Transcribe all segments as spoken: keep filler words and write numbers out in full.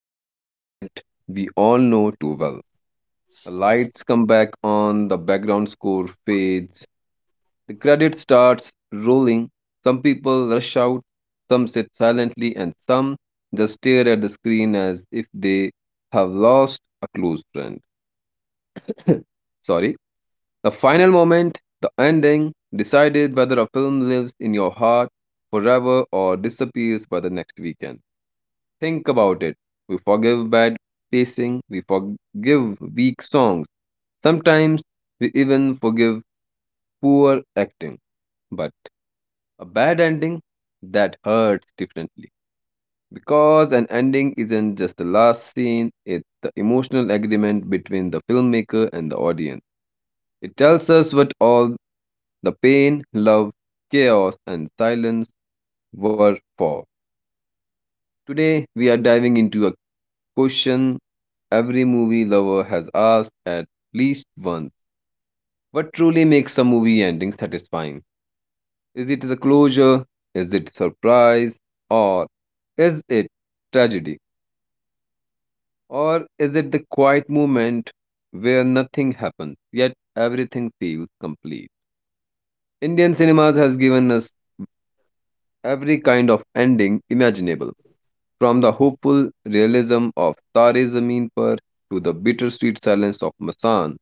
There's a moment we all know too well. The lights come back on, the background score fades, the credit starts rolling. Some people rush out, some sit silently, and some just stare at the screen as if they have lost a close friend. Sorry. The final moment, the ending, decided whether a film lives in your heart forever or disappears by the next weekend. Think about it. We forgive bad pacing, we forgive weak songs, sometimes we even forgive poor acting. But a bad ending, that hurts differently. Because an ending isn't just the last scene, it's the emotional agreement between the filmmaker and the audience. It tells us what all the pain, love, chaos, and silence were for. Today, we are diving into a question every movie lover has asked at least once: what truly makes a movie ending satisfying? Is it the closure? Is it surprise? Or is it tragedy? Or is it the quiet moment where nothing happens, yet everything feels complete? Indian cinemas has given us every kind of ending imaginable, from the hopeful realism of Tare Zameen Par to the bittersweet silence of Masan,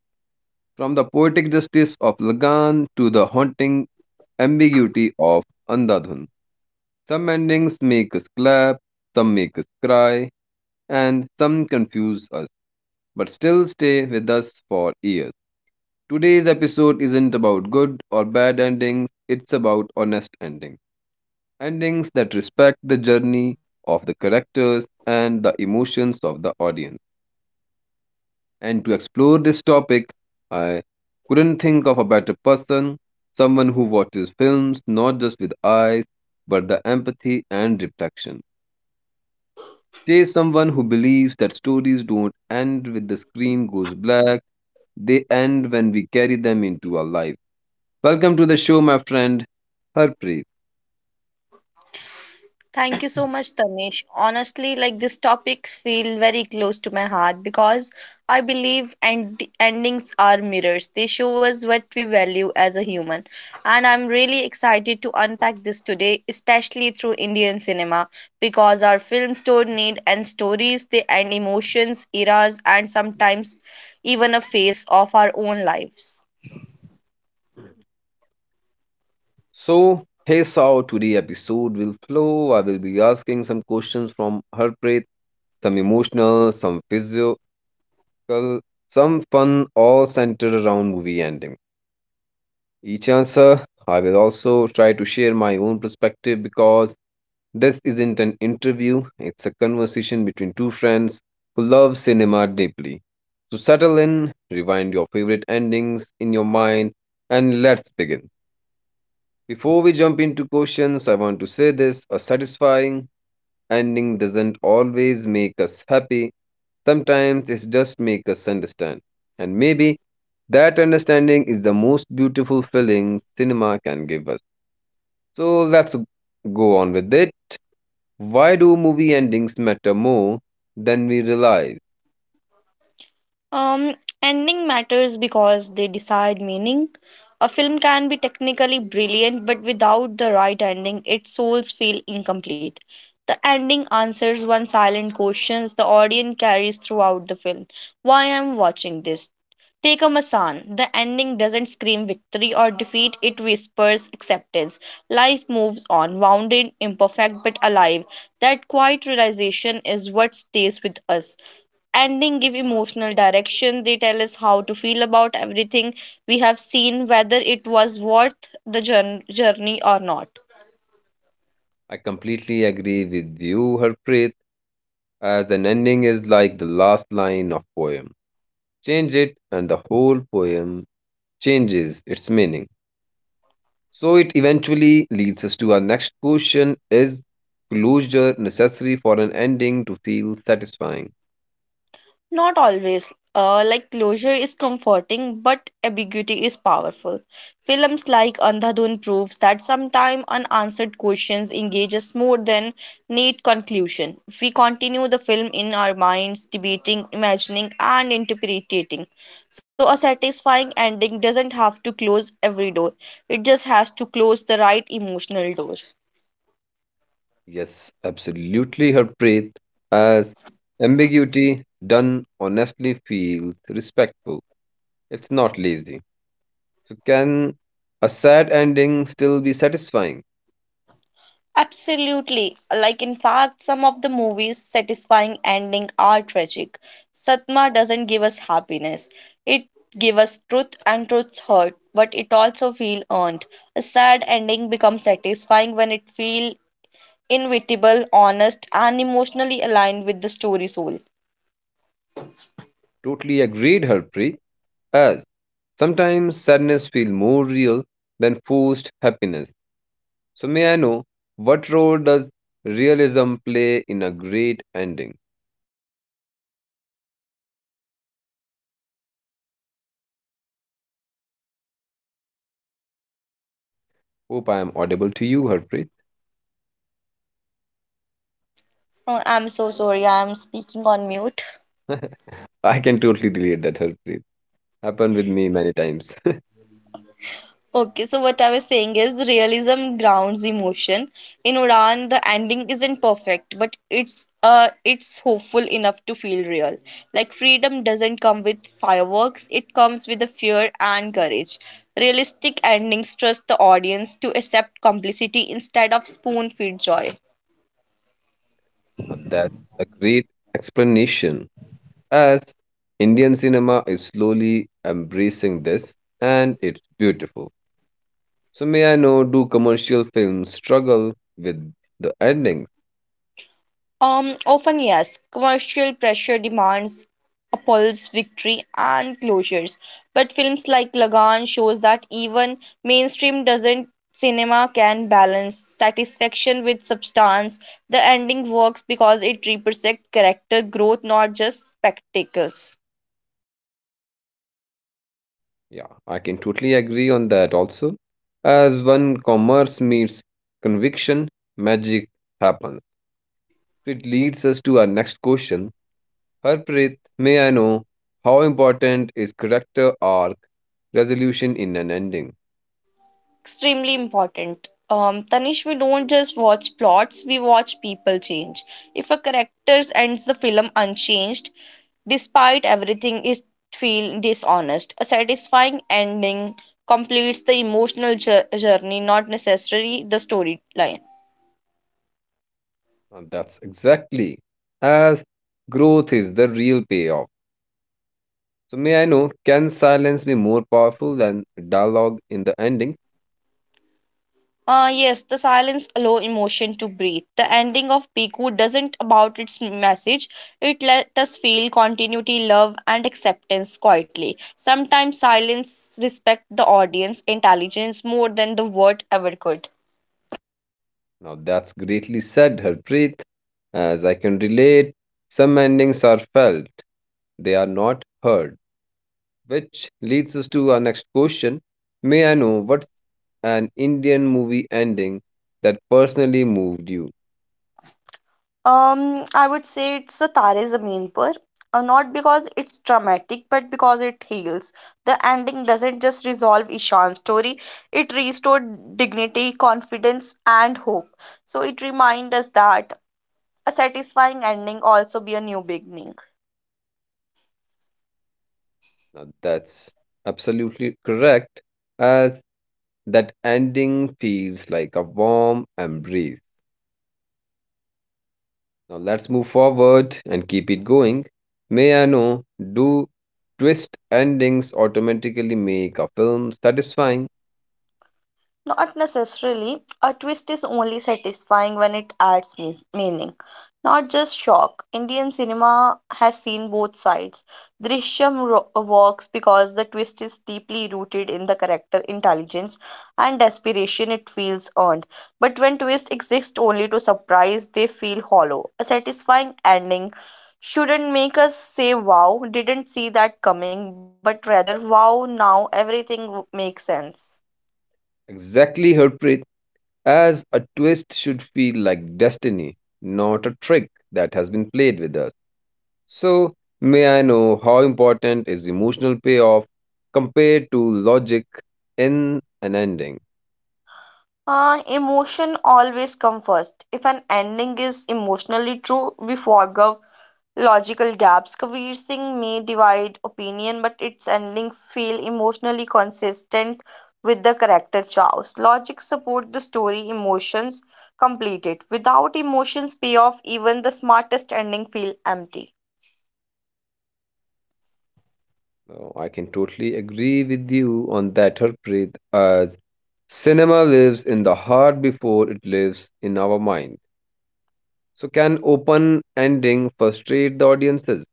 from the poetic justice of Lagan to the haunting ambiguity of Andhadhun. Some endings make us clap, some make us cry, and some confuse us, but still stay with us for years. Today's episode isn't about good or bad endings, it's about honest endings, endings that respect the journey of the characters and the emotions of the audience. And to explore this topic, I couldn't think of a better person, someone who watches films not just with eyes, but the empathy and reflection. She is someone who believes that stories don't end with the screen goes black, they end when we carry them into our life. Welcome to the show, my friend, Harpreet. Thank you so much, Tanish. Honestly, like these topics feel very close to my heart because I believe end- endings are mirrors. They show us what we value as a human. And I'm really excited to unpack this today, especially through Indian cinema, because our films don't need end stories, they end emotions, eras, and sometimes even a phase of our own lives. So, here's how today's episode will flow. I will be asking some questions from Harpreet, some emotional, some physical, some fun, all centered around movie ending. Each answer, I will also try to share my own perspective because this isn't an interview, it's a conversation between two friends who love cinema deeply. So settle in, rewind your favorite endings in your mind, and let's begin. Before we jump into questions, I want to say this: a satisfying ending doesn't always make us happy. Sometimes it just makes us understand. And maybe that understanding is the most beautiful feeling cinema can give us. So let's go on with it. Why do movie endings matter more than we realize? Um, Ending matters because they decide meaning. A film can be technically brilliant, but without the right ending, its souls feel incomplete. The ending answers one silent questions the audience carries throughout the film. Why am watching this? Take a Masan. The ending doesn't scream victory or defeat, it whispers acceptance. Life moves on, wounded, imperfect, but alive. That quiet realization is what stays with us. Ending give emotional direction, they tell us how to feel about everything we have seen, whether it was worth the jour- journey or not. I completely agree with you, Harpreet, as an ending is like the last line of poem. Change it and the whole poem changes its meaning. So it eventually leads us to our next question: is closure necessary for an ending to feel satisfying? Not always. Uh, like, closure is comforting, but ambiguity is powerful. Films like Andhadhun proves that sometimes unanswered questions engage us more than neat conclusion. We continue the film in our minds, debating, imagining, and interpreting. So a satisfying ending doesn't have to close every door. It just has to close the right emotional door. Yes, absolutely Harpreet, as ambiguity done honestly feels respectful. It's not lazy. So can a sad ending still be satisfying? Absolutely. Like, in fact, some of the movies' satisfying ending are tragic. Satma doesn't give us happiness. It gives us truth and truth's hurt, but it also feel earned. A sad ending becomes satisfying when it feel inevitable, honest, and emotionally aligned with the story soul. Totally agreed Harpreet, as sometimes sadness feels more real than forced happiness. So, may I know what role does realism play in a great ending? Hope I am audible to you, Harpreet. Oh, I'm so sorry. I'm speaking on mute. I can totally relate that, Harpreet. Happened with me many times. Okay, so what I was saying is realism grounds emotion. In Udan, the ending isn't perfect, but it's uh it's hopeful enough to feel real. Like, freedom doesn't come with fireworks, it comes with the fear and courage. Realistic endings trust the audience to accept complicity instead of spoon-fed joy. Now, that's a great explanation. As Indian cinema is slowly embracing this, and it's beautiful. So, may I know do commercial films struggle with the ending? Um, often, yes. Commercial pressure demands Apple's victory and closures. But films like Lagan shows that even mainstream doesn't cinema can balance satisfaction with substance. The ending works because it represents character growth, not just spectacles. Yeah, I can totally agree on that also. As when commerce meets conviction, magic happens. It leads us to our next question. Harpreet, may I know how important is character arc resolution in an ending? Extremely important. Um, Tanish, we don't just watch plots, we watch people change. If a character ends the film unchanged, despite everything, it feels dishonest. A satisfying ending completes the emotional jour- journey, not necessarily the storyline. And that's exactly, as growth is the real payoff. So, may I know, can silence be more powerful than dialogue in the ending? Ah, yes, the silence allow emotion to breathe. The ending of Piku doesn't about its message. It let us feel continuity, love, and acceptance quietly. Sometimes silence respect the audience intelligence more than the word ever could. Now that's greatly said, Harpreet. As I can relate, some endings are felt, they are not heard. Which leads us to our next question. May I know what's an Indian movie ending that personally moved you? Um, I would say it's a Tare Zameen Par. Uh, not because it's dramatic, but because it heals. The ending doesn't just resolve Ishan's story, it restored dignity, confidence, and hope. So it reminds us that a satisfying ending also be a new beginning. Now that's absolutely correct, as that ending feels like a warm embrace. Now let's move forward and keep it going. May I know do twist endings automatically make a film satisfying? Not necessarily. A twist is only satisfying when it adds meas- meaning, not just shock. Indian cinema has seen both sides. Drishyam ro- works because the twist is deeply rooted in the character intelligence and desperation, it feels earned. But when twists exist only to surprise, they feel hollow. A satisfying ending shouldn't make us say, wow, didn't see that coming, but rather, wow, now everything w- makes sense. Exactly, Harpreet, as a twist should feel like destiny, not a trick that has been played with us. So, may I know how important is emotional payoff compared to logic in an ending? Uh, emotion always come first. If an ending is emotionally true, we forgive logical gaps. Kabir Singh may divide opinion, but its ending feel emotionally consistent with the character choice. Logic support the story, emotions complete it. Without emotions payoff, even the smartest ending feel empty. Now, I can totally agree with you on that, Harpreet, as cinema lives in the heart before it lives in our mind. So, can open ending frustrate the audiences?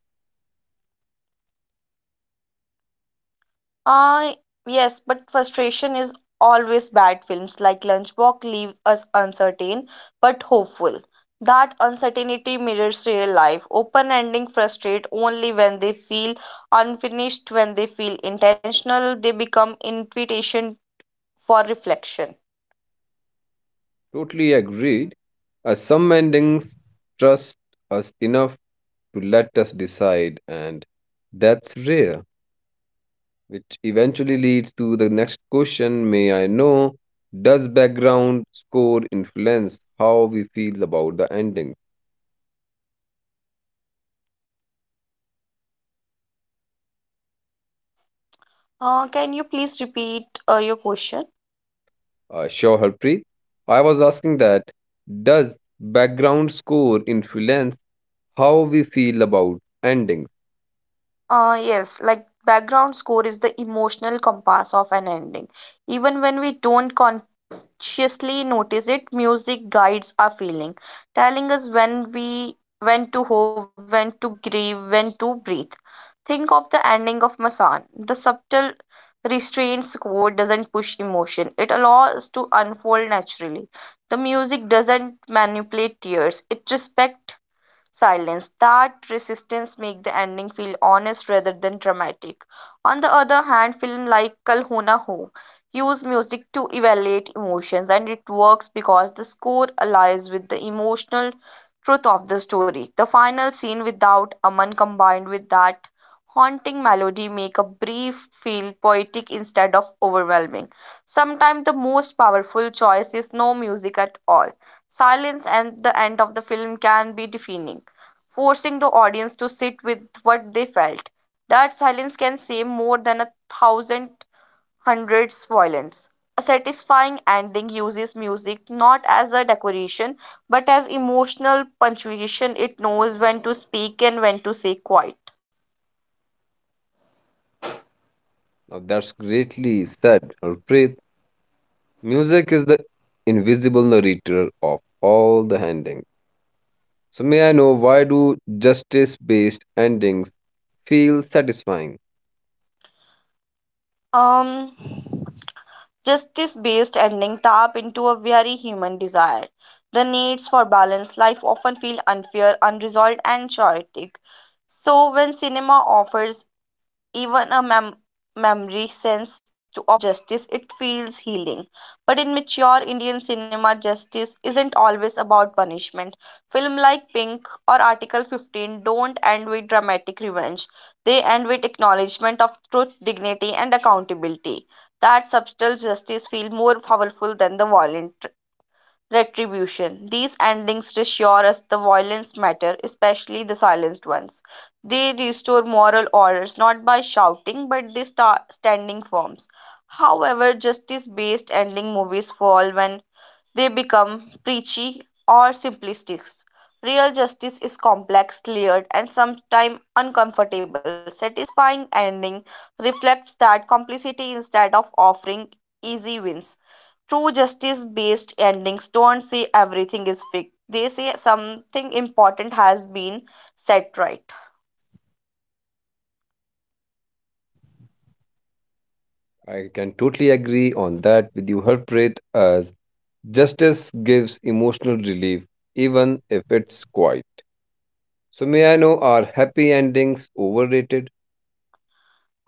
Uh, yes, but frustration is always bad. Films like Lunchbox leave us uncertain but hopeful. That uncertainty mirrors real life. Open ending frustrate only when they feel unfinished, when they feel intentional, they become invitation for reflection. Totally agreed. Uh, some endings trust us enough to let us decide, and that's rare, which eventually leads to the next question. May I know, does background score influence how we feel about the ending? Uh, can you please repeat uh, your question? Uh, sure, Harpreet. I was asking that does background score influence how we feel about endings. Uh, yes, like, background score is the emotional compass of an ending. Even when we don't con- consciously notice it, music guides our feeling, telling us when we when to hope, when to grieve, when to breathe. Think of the ending of Masan. The subtle restraints quote doesn't push emotion, it allows to unfold naturally. The music doesn't manipulate tears, it respects silence. That resistance makes the ending feel honest rather than dramatic. On the other hand, film like Kal Ho Na Ho use music to evaluate emotions, and it works because the score aligns with the emotional truth of the story. The final scene without Aman combined with that haunting melody make a brief feel poetic instead of overwhelming. Sometimes the most powerful choice is no music at all. Silence at the end of the film can be deafening, forcing the audience to sit with what they felt. That silence can say more than a thousand hundreds violence. A satisfying ending uses music not as a decoration but as emotional punctuation. It knows when to speak and when to say quiet. Now that's greatly said, Harpreet. Music is the invisible narrator of all the endings. So may I know why do justice-based endings feel satisfying? Um Justice based ending tap into a very human desire. The needs for balanced life often feel unfair, unresolved, and chaotic. So, when cinema offers even a mem- memory sense to, of justice, it feels healing. But in mature Indian cinema, justice isn't always about punishment. Film like Pink or Article fifteen don't end with dramatic revenge, they end with acknowledgement of truth, dignity, and accountability. That subtle justice feels more powerful than the violent retribution. These endings reassure us the violence matter, especially the silenced ones. They restore moral orders not by shouting, but they start standing firms. However, justice based ending movies fall when they become preachy or simplistic. Real justice is complex, layered, and sometimes uncomfortable. Satisfying ending reflects that complexity instead of offering easy wins. True justice based endings don't say everything is fixed, they say something important has been set right. I can totally agree on that with you, Harpreet, as justice gives emotional relief even if it's quiet. So may I know are happy endings overrated?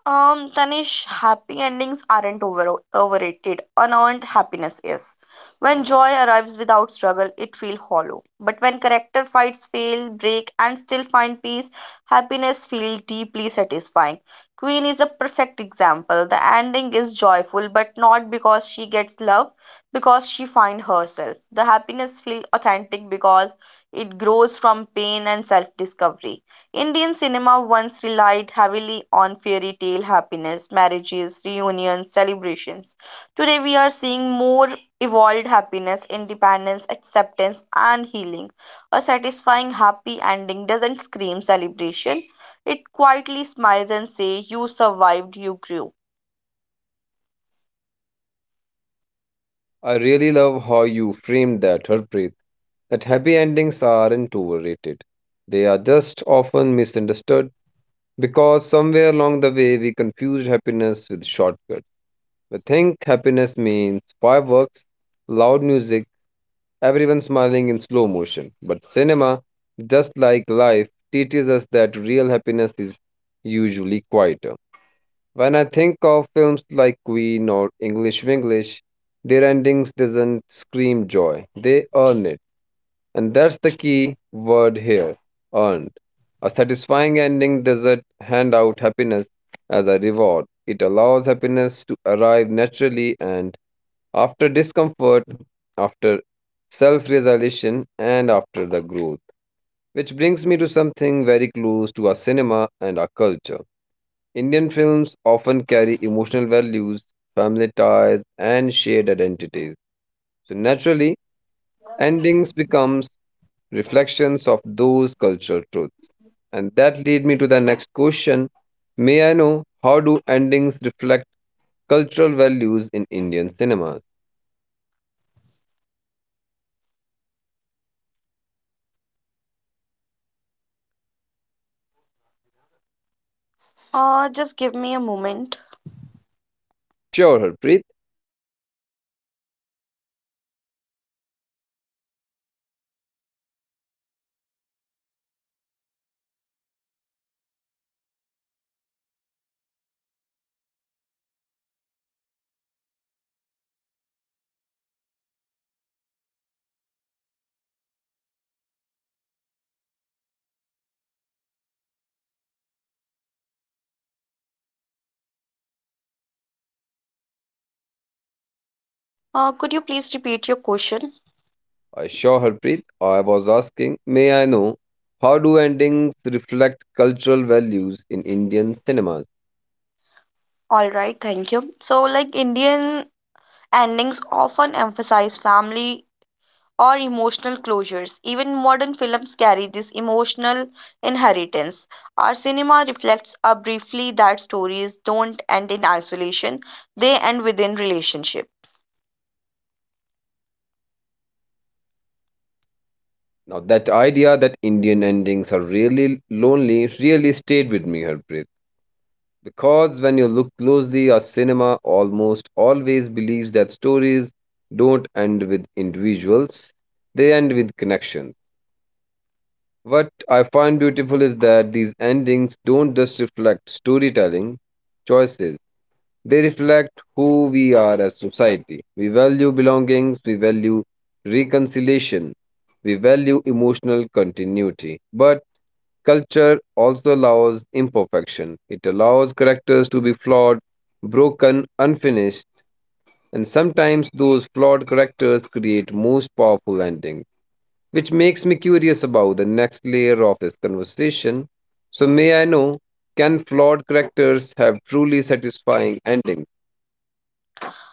Um, Tanish, happy endings aren't over- overrated. Unearned happiness is. When joy arrives without struggle, it feels hollow. But when character fights fail, break, and still find peace, happiness feels deeply satisfying. Queen is a perfect example. The ending is joyful, but not because she gets love, because she finds herself. The happiness feels authentic because it grows from pain and self discovery. Indian cinema once relied heavily on fairy tale happiness, marriages, reunions, celebrations. Today we are seeing more evolved happiness, independence, acceptance, and healing. A satisfying happy ending doesn't scream celebration, it quietly smiles and says, "You survived, you grew." I really love how you framed that, Harpreet, that happy endings aren't overrated. They are just often misunderstood because somewhere along the way we confused happiness with shortcuts. We think happiness means fireworks, loud music, everyone smiling in slow motion. But cinema, just like life, teaches us that real happiness is usually quieter. When I think of films like Queen or English Winglish, their endings doesn't scream joy. They earn it. And that's the key word here, earned. A satisfying ending doesn't hand out happiness as a reward. It allows happiness to arrive naturally and after discomfort, after self-realization and after the growth. Which brings me to something very close to our cinema and our culture. Indian films often carry emotional values, family ties, and shared identities. So naturally, endings becomes reflections of those cultural truths. And that lead me to the next question. May I know how do endings reflect cultural values in Indian cinemas? Uh, just give me a moment. Sure, Harpreet. Uh, could you please repeat your question? I sure Harpreet. I was asking, may I know how do endings reflect cultural values in Indian cinemas? All right, thank you. So, like, Indian endings often emphasize family or emotional closures. Even modern films carry this emotional inheritance. Our cinema reflects uh, briefly that stories don't end in isolation, they end within relationship. Now, that idea that Indian endings are really lonely really stayed with me, Harpreet. Because when you look closely, our cinema almost always believes that stories don't end with individuals, they end with connections. What I find beautiful is that these endings don't just reflect storytelling choices, they reflect who we are as society. We value belongings, we value reconciliation, we value emotional continuity. But culture also allows imperfection. It allows characters to be flawed, broken, unfinished, and sometimes those flawed characters create most powerful endings. Which makes me curious about the next layer of this conversation. So, may I know, can flawed characters have truly satisfying endings?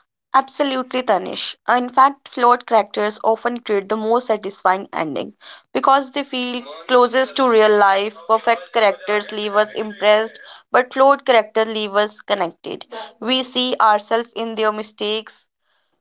Absolutely, Tanish. In fact, flawed characters often create the most satisfying ending because they feel closest to real life. Perfect characters leave us impressed, but flawed characters leave us connected. We see ourselves in their mistakes,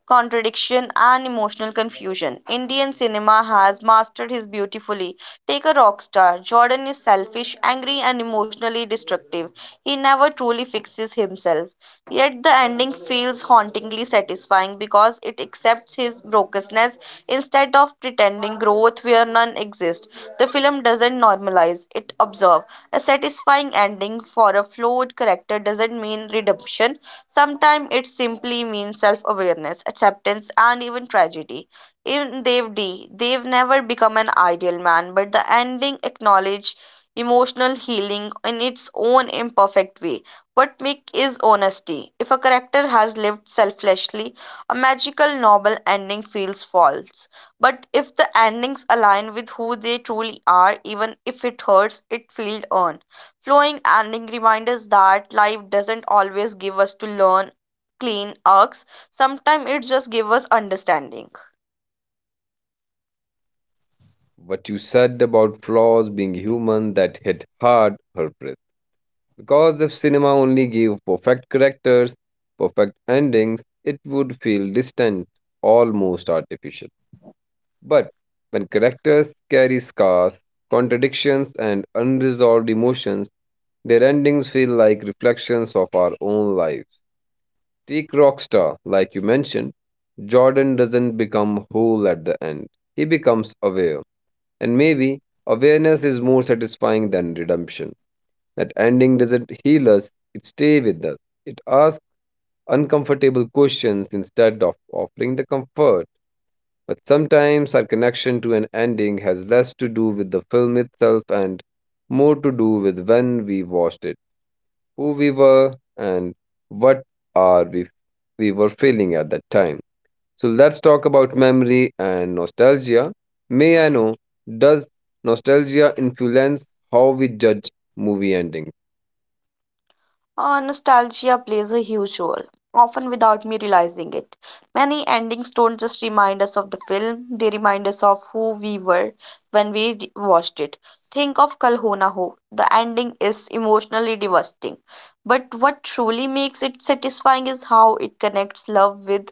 contradiction, and emotional confusion. Indian cinema has mastered his beautifully. Take a Rock Star. Jordan is selfish, angry, and emotionally destructive. He never truly fixes himself. Yet the ending feels hauntingly satisfying because it accepts his brokenness instead of pretending growth where none exists. The film doesn't normalize, it observes. A satisfying ending for a flawed character doesn't mean redemption. Sometimes it simply means self awareness, acceptance, and even tragedy. In Dev D, Dev never become an ideal man, but the ending acknowledge emotional healing in its own imperfect way. What make is honesty. If a character has lived selflessly, a magical novel ending feels false. But if the endings align with who they truly are, even if it hurts, it feels earned. Flowing ending reminders that life doesn't always give us to learn clean arcs, sometimes it just gives us understanding. What you said about flaws being human, that hit hard, Harpreet. Because if cinema only gave perfect characters, perfect endings, it would feel distant, almost artificial. But when characters carry scars, contradictions, and unresolved emotions, their endings feel like reflections of our own lives. Take Rockstar, like you mentioned, Jordan doesn't become whole at the end. He becomes aware. And maybe awareness is more satisfying than redemption. That ending doesn't heal us, it stays with us. It asks uncomfortable questions instead of offering the comfort. But sometimes our connection to an ending has less to do with the film itself and more to do with when we watched it, who we were, and what are we we were feeling at that time. So let's talk about memory and nostalgia. May I know, does nostalgia influence how we judge movie endings? Uh, nostalgia plays a huge role, often without me realizing it. Many endings don't just remind us of the film, they remind us of who we were when we re- watched it. Think of Kalhona Ho. Na Ho. The ending is emotionally devastating. But what truly makes it satisfying is how it connects love with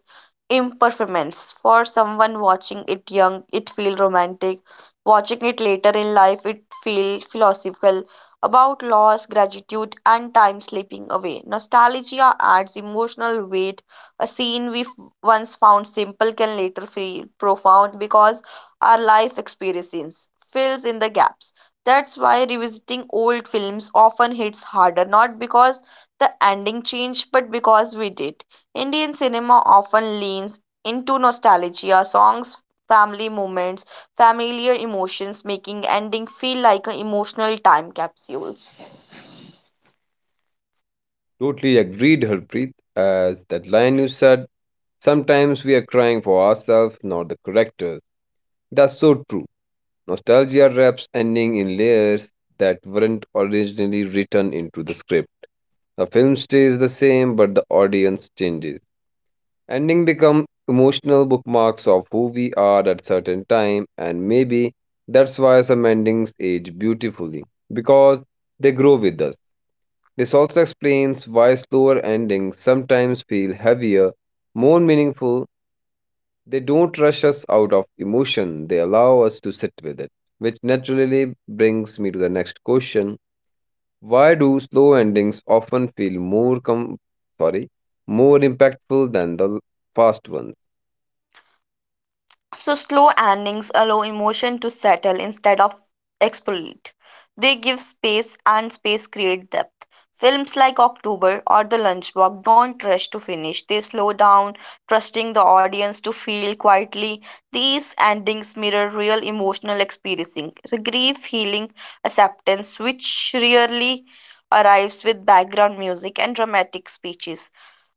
impermanence. For someone watching it young, it feels romantic. Watching it later in life, it feels philosophical about loss, gratitude, and time slipping away. Nostalgia adds emotional weight. A scene we f- once found simple can later feel profound because our life experiences fills in the gaps. That's why revisiting old films often hits harder, not because the ending changed, but because we did. Indian cinema often leans into nostalgia, songs, family moments, familiar emotions, making ending feel like a emotional time capsules. Totally agreed, Harpreet. As that line you said, sometimes we are crying for ourselves, not the correctors. That's so true. Nostalgia wraps ending in layers that weren't originally written into the script. The film stays the same, but the audience changes. Ending become emotional bookmarks of who we are at certain time, and maybe that's why some endings age beautifully because they grow with us. This also explains why slower endings sometimes feel heavier, more meaningful. They don't rush us out of emotion, they allow us to sit with it. Which naturally brings me to the next question. Why do slow endings often feel more com- sorry, more impactful than the fast ones? So slow endings allow emotion to settle instead of explode. They give space, and space create depth. Films like October or The Lunchbox don't rush to finish. They slow down, trusting the audience to feel quietly. These endings mirror real emotional experiencing, the grief, healing, acceptance, which rarely arrives with background music and dramatic speeches.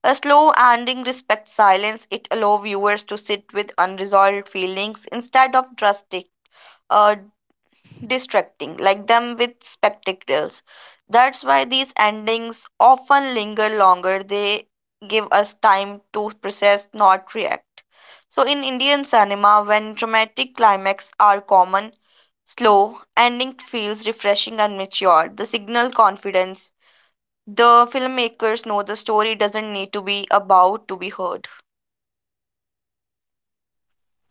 A slow ending respects silence. It allows viewers to sit with unresolved feelings instead of drastic, uh, distracting like them with spectacles. That's why these endings often linger longer. They give us time to process, not react. So, in Indian cinema, when dramatic climax are common, slow ending feels refreshing and mature. The signal confidence the filmmakers know the story doesn't need to be about to be heard.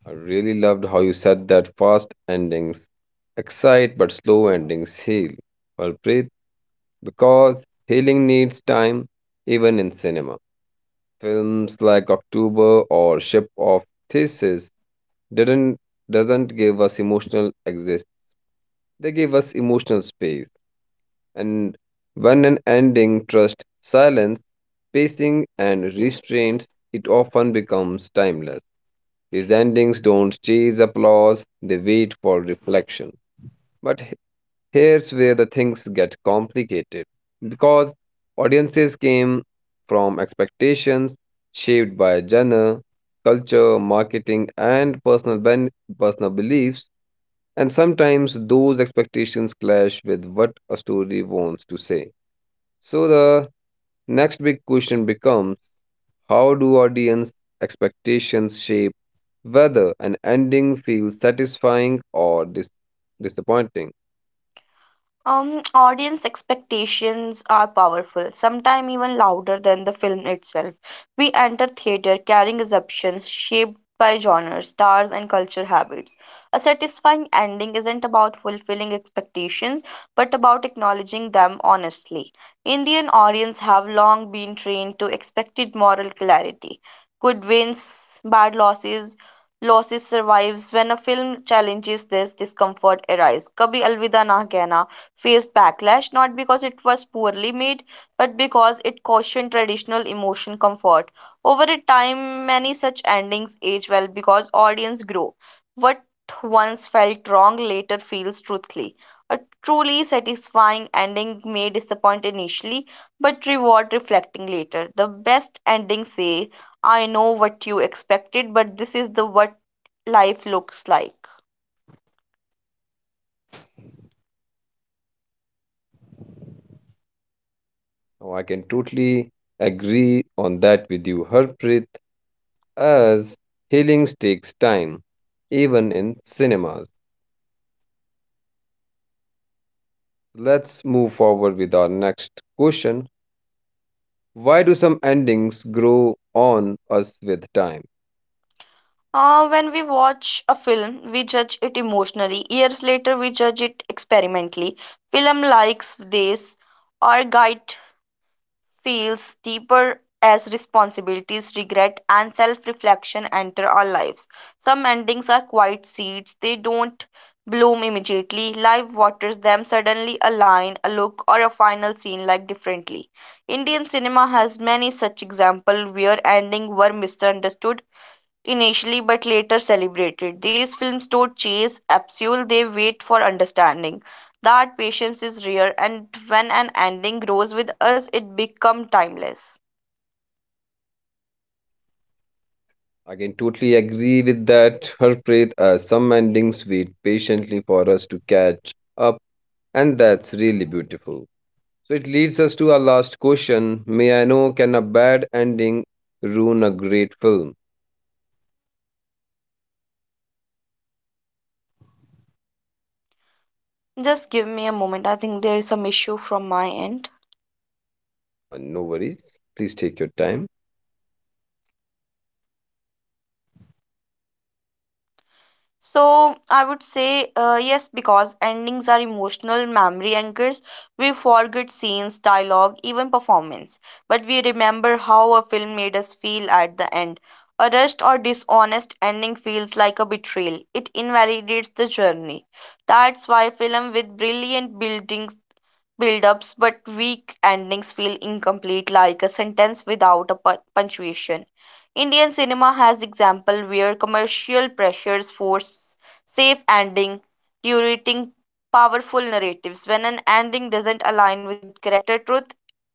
I really loved how you said that fast endings excite but slow endings heal. Well, because healing needs time even in cinema. Films like October or Ship of Thesis didn't doesn't give us emotional exist. They give us emotional space. And when an ending trusts silence, pacing and restraints, it often becomes timeless. These endings don't chase applause, they wait for reflection. But here's where the things get complicated because audiences came from expectations shaped by genre, culture, marketing, and personal, ben- personal beliefs, and sometimes those expectations clash with what a story wants to say. So the next big question becomes how do audience expectations shape whether an ending feels satisfying or dis- disappointing? Um, audience expectations are powerful, sometimes even louder than the film itself. We enter theater carrying assumptions shaped by genres, stars, and culture habits. A satisfying ending isn't about fulfilling expectations, but about acknowledging them honestly. Indian audience have long been trained to expected moral clarity. Good wins, bad losses, losses survives. When a film challenges this, discomfort arises. Kabhi Alvida Na Kehna faced backlash not because it was poorly made but because it cautioned traditional emotion comfort. Over a time, many such endings age well because audience grow. What once felt wrong later feels truthfully. A truly satisfying ending may disappoint initially but reward reflecting later. The best endings say, I know what you expected, but this is the what life looks like. Oh, I can totally agree on that with you, Harpreet, as healing takes time, even in cinemas. Let's move forward with our next question. Why do some endings grow on us with time? Uh, when we watch a film, we judge it emotionally. Years later, we judge it experimentally. Film likes this. Our guide feels deeper as responsibilities, regret, and self reflection enter our lives. Some endings are quiet seeds, they don't bloom immediately. Life waters them suddenly a line, a look, or a final scene like differently. Indian cinema has many such examples where endings were misunderstood initially but later celebrated. These films don't chase absolute, they wait for understanding. That patience is rare, and when an ending grows with us, it becomes timeless. I can totally agree with that, Harpreet, as some endings wait patiently for us to catch up, and that's really beautiful. So it leads us to our last question. May I know, can a bad ending ruin a great film? Just give me a moment, I think there is some issue from my end. Uh, no worries. Please take your time. So I would say uh, yes, because endings are emotional memory anchors. We forget scenes, dialogue, even performance, but we remember how a film made us feel at the end. A rushed or dishonest ending feels like a betrayal. It invalidates the journey. That's why film with brilliant buildings build-ups but weak endings feel incomplete, like a sentence without a pu- punctuation. Indian cinema has example where commercial pressures force safe ending, curating powerful narratives. When an ending doesn't align with character truth,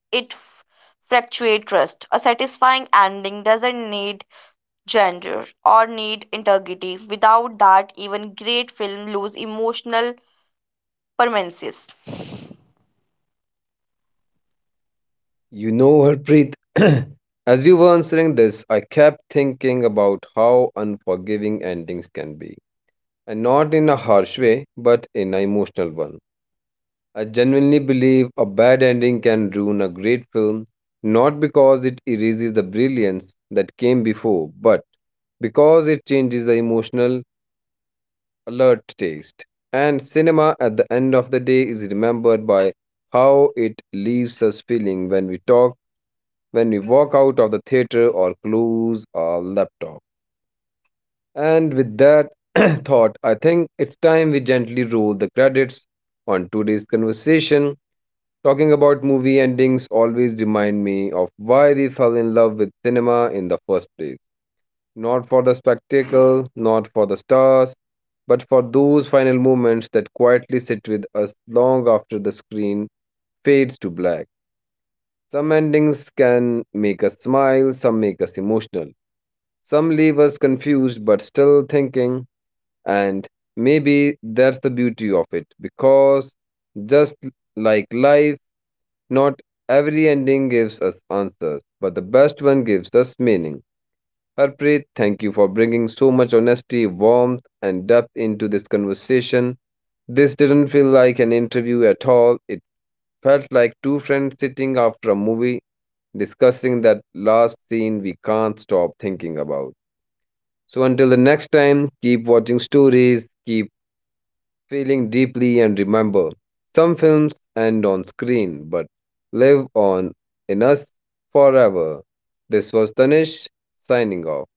it f- fractuates trust. A satisfying ending doesn't need gender or need integrity. Without that, even great film lose emotional permanences. You know, Harpreet, as you were answering this, I kept thinking about how unforgiving endings can be. And not in a harsh way, but in an emotional one. I genuinely believe a bad ending can ruin a great film, not because it erases the brilliance that came before, but because it changes the emotional alert taste. And cinema at the end of the day is remembered by how it leaves us feeling when we talk, when we walk out of the theater or close our laptop. And with that thought, I think it's time we gently roll the credits on today's conversation. Talking about movie endings always remind me of why we fell in love with cinema in the first place. Not for the spectacle, not for the stars, but for those final moments that quietly sit with us long after the screen fades to black. Some endings can make us smile, some make us emotional, some leave us confused but still thinking, and maybe that's the beauty of it because just like life, not every ending gives us answers, but the best one gives us meaning. Harpreet, thank you for bringing so much honesty, warmth, and depth into this conversation. This didn't feel like an interview at all. It felt like two friends sitting after a movie discussing that last scene we can't stop thinking about. So until the next time, keep watching stories, keep feeling deeply, and remember some films end on screen but live on in us forever. This was Tanish signing off.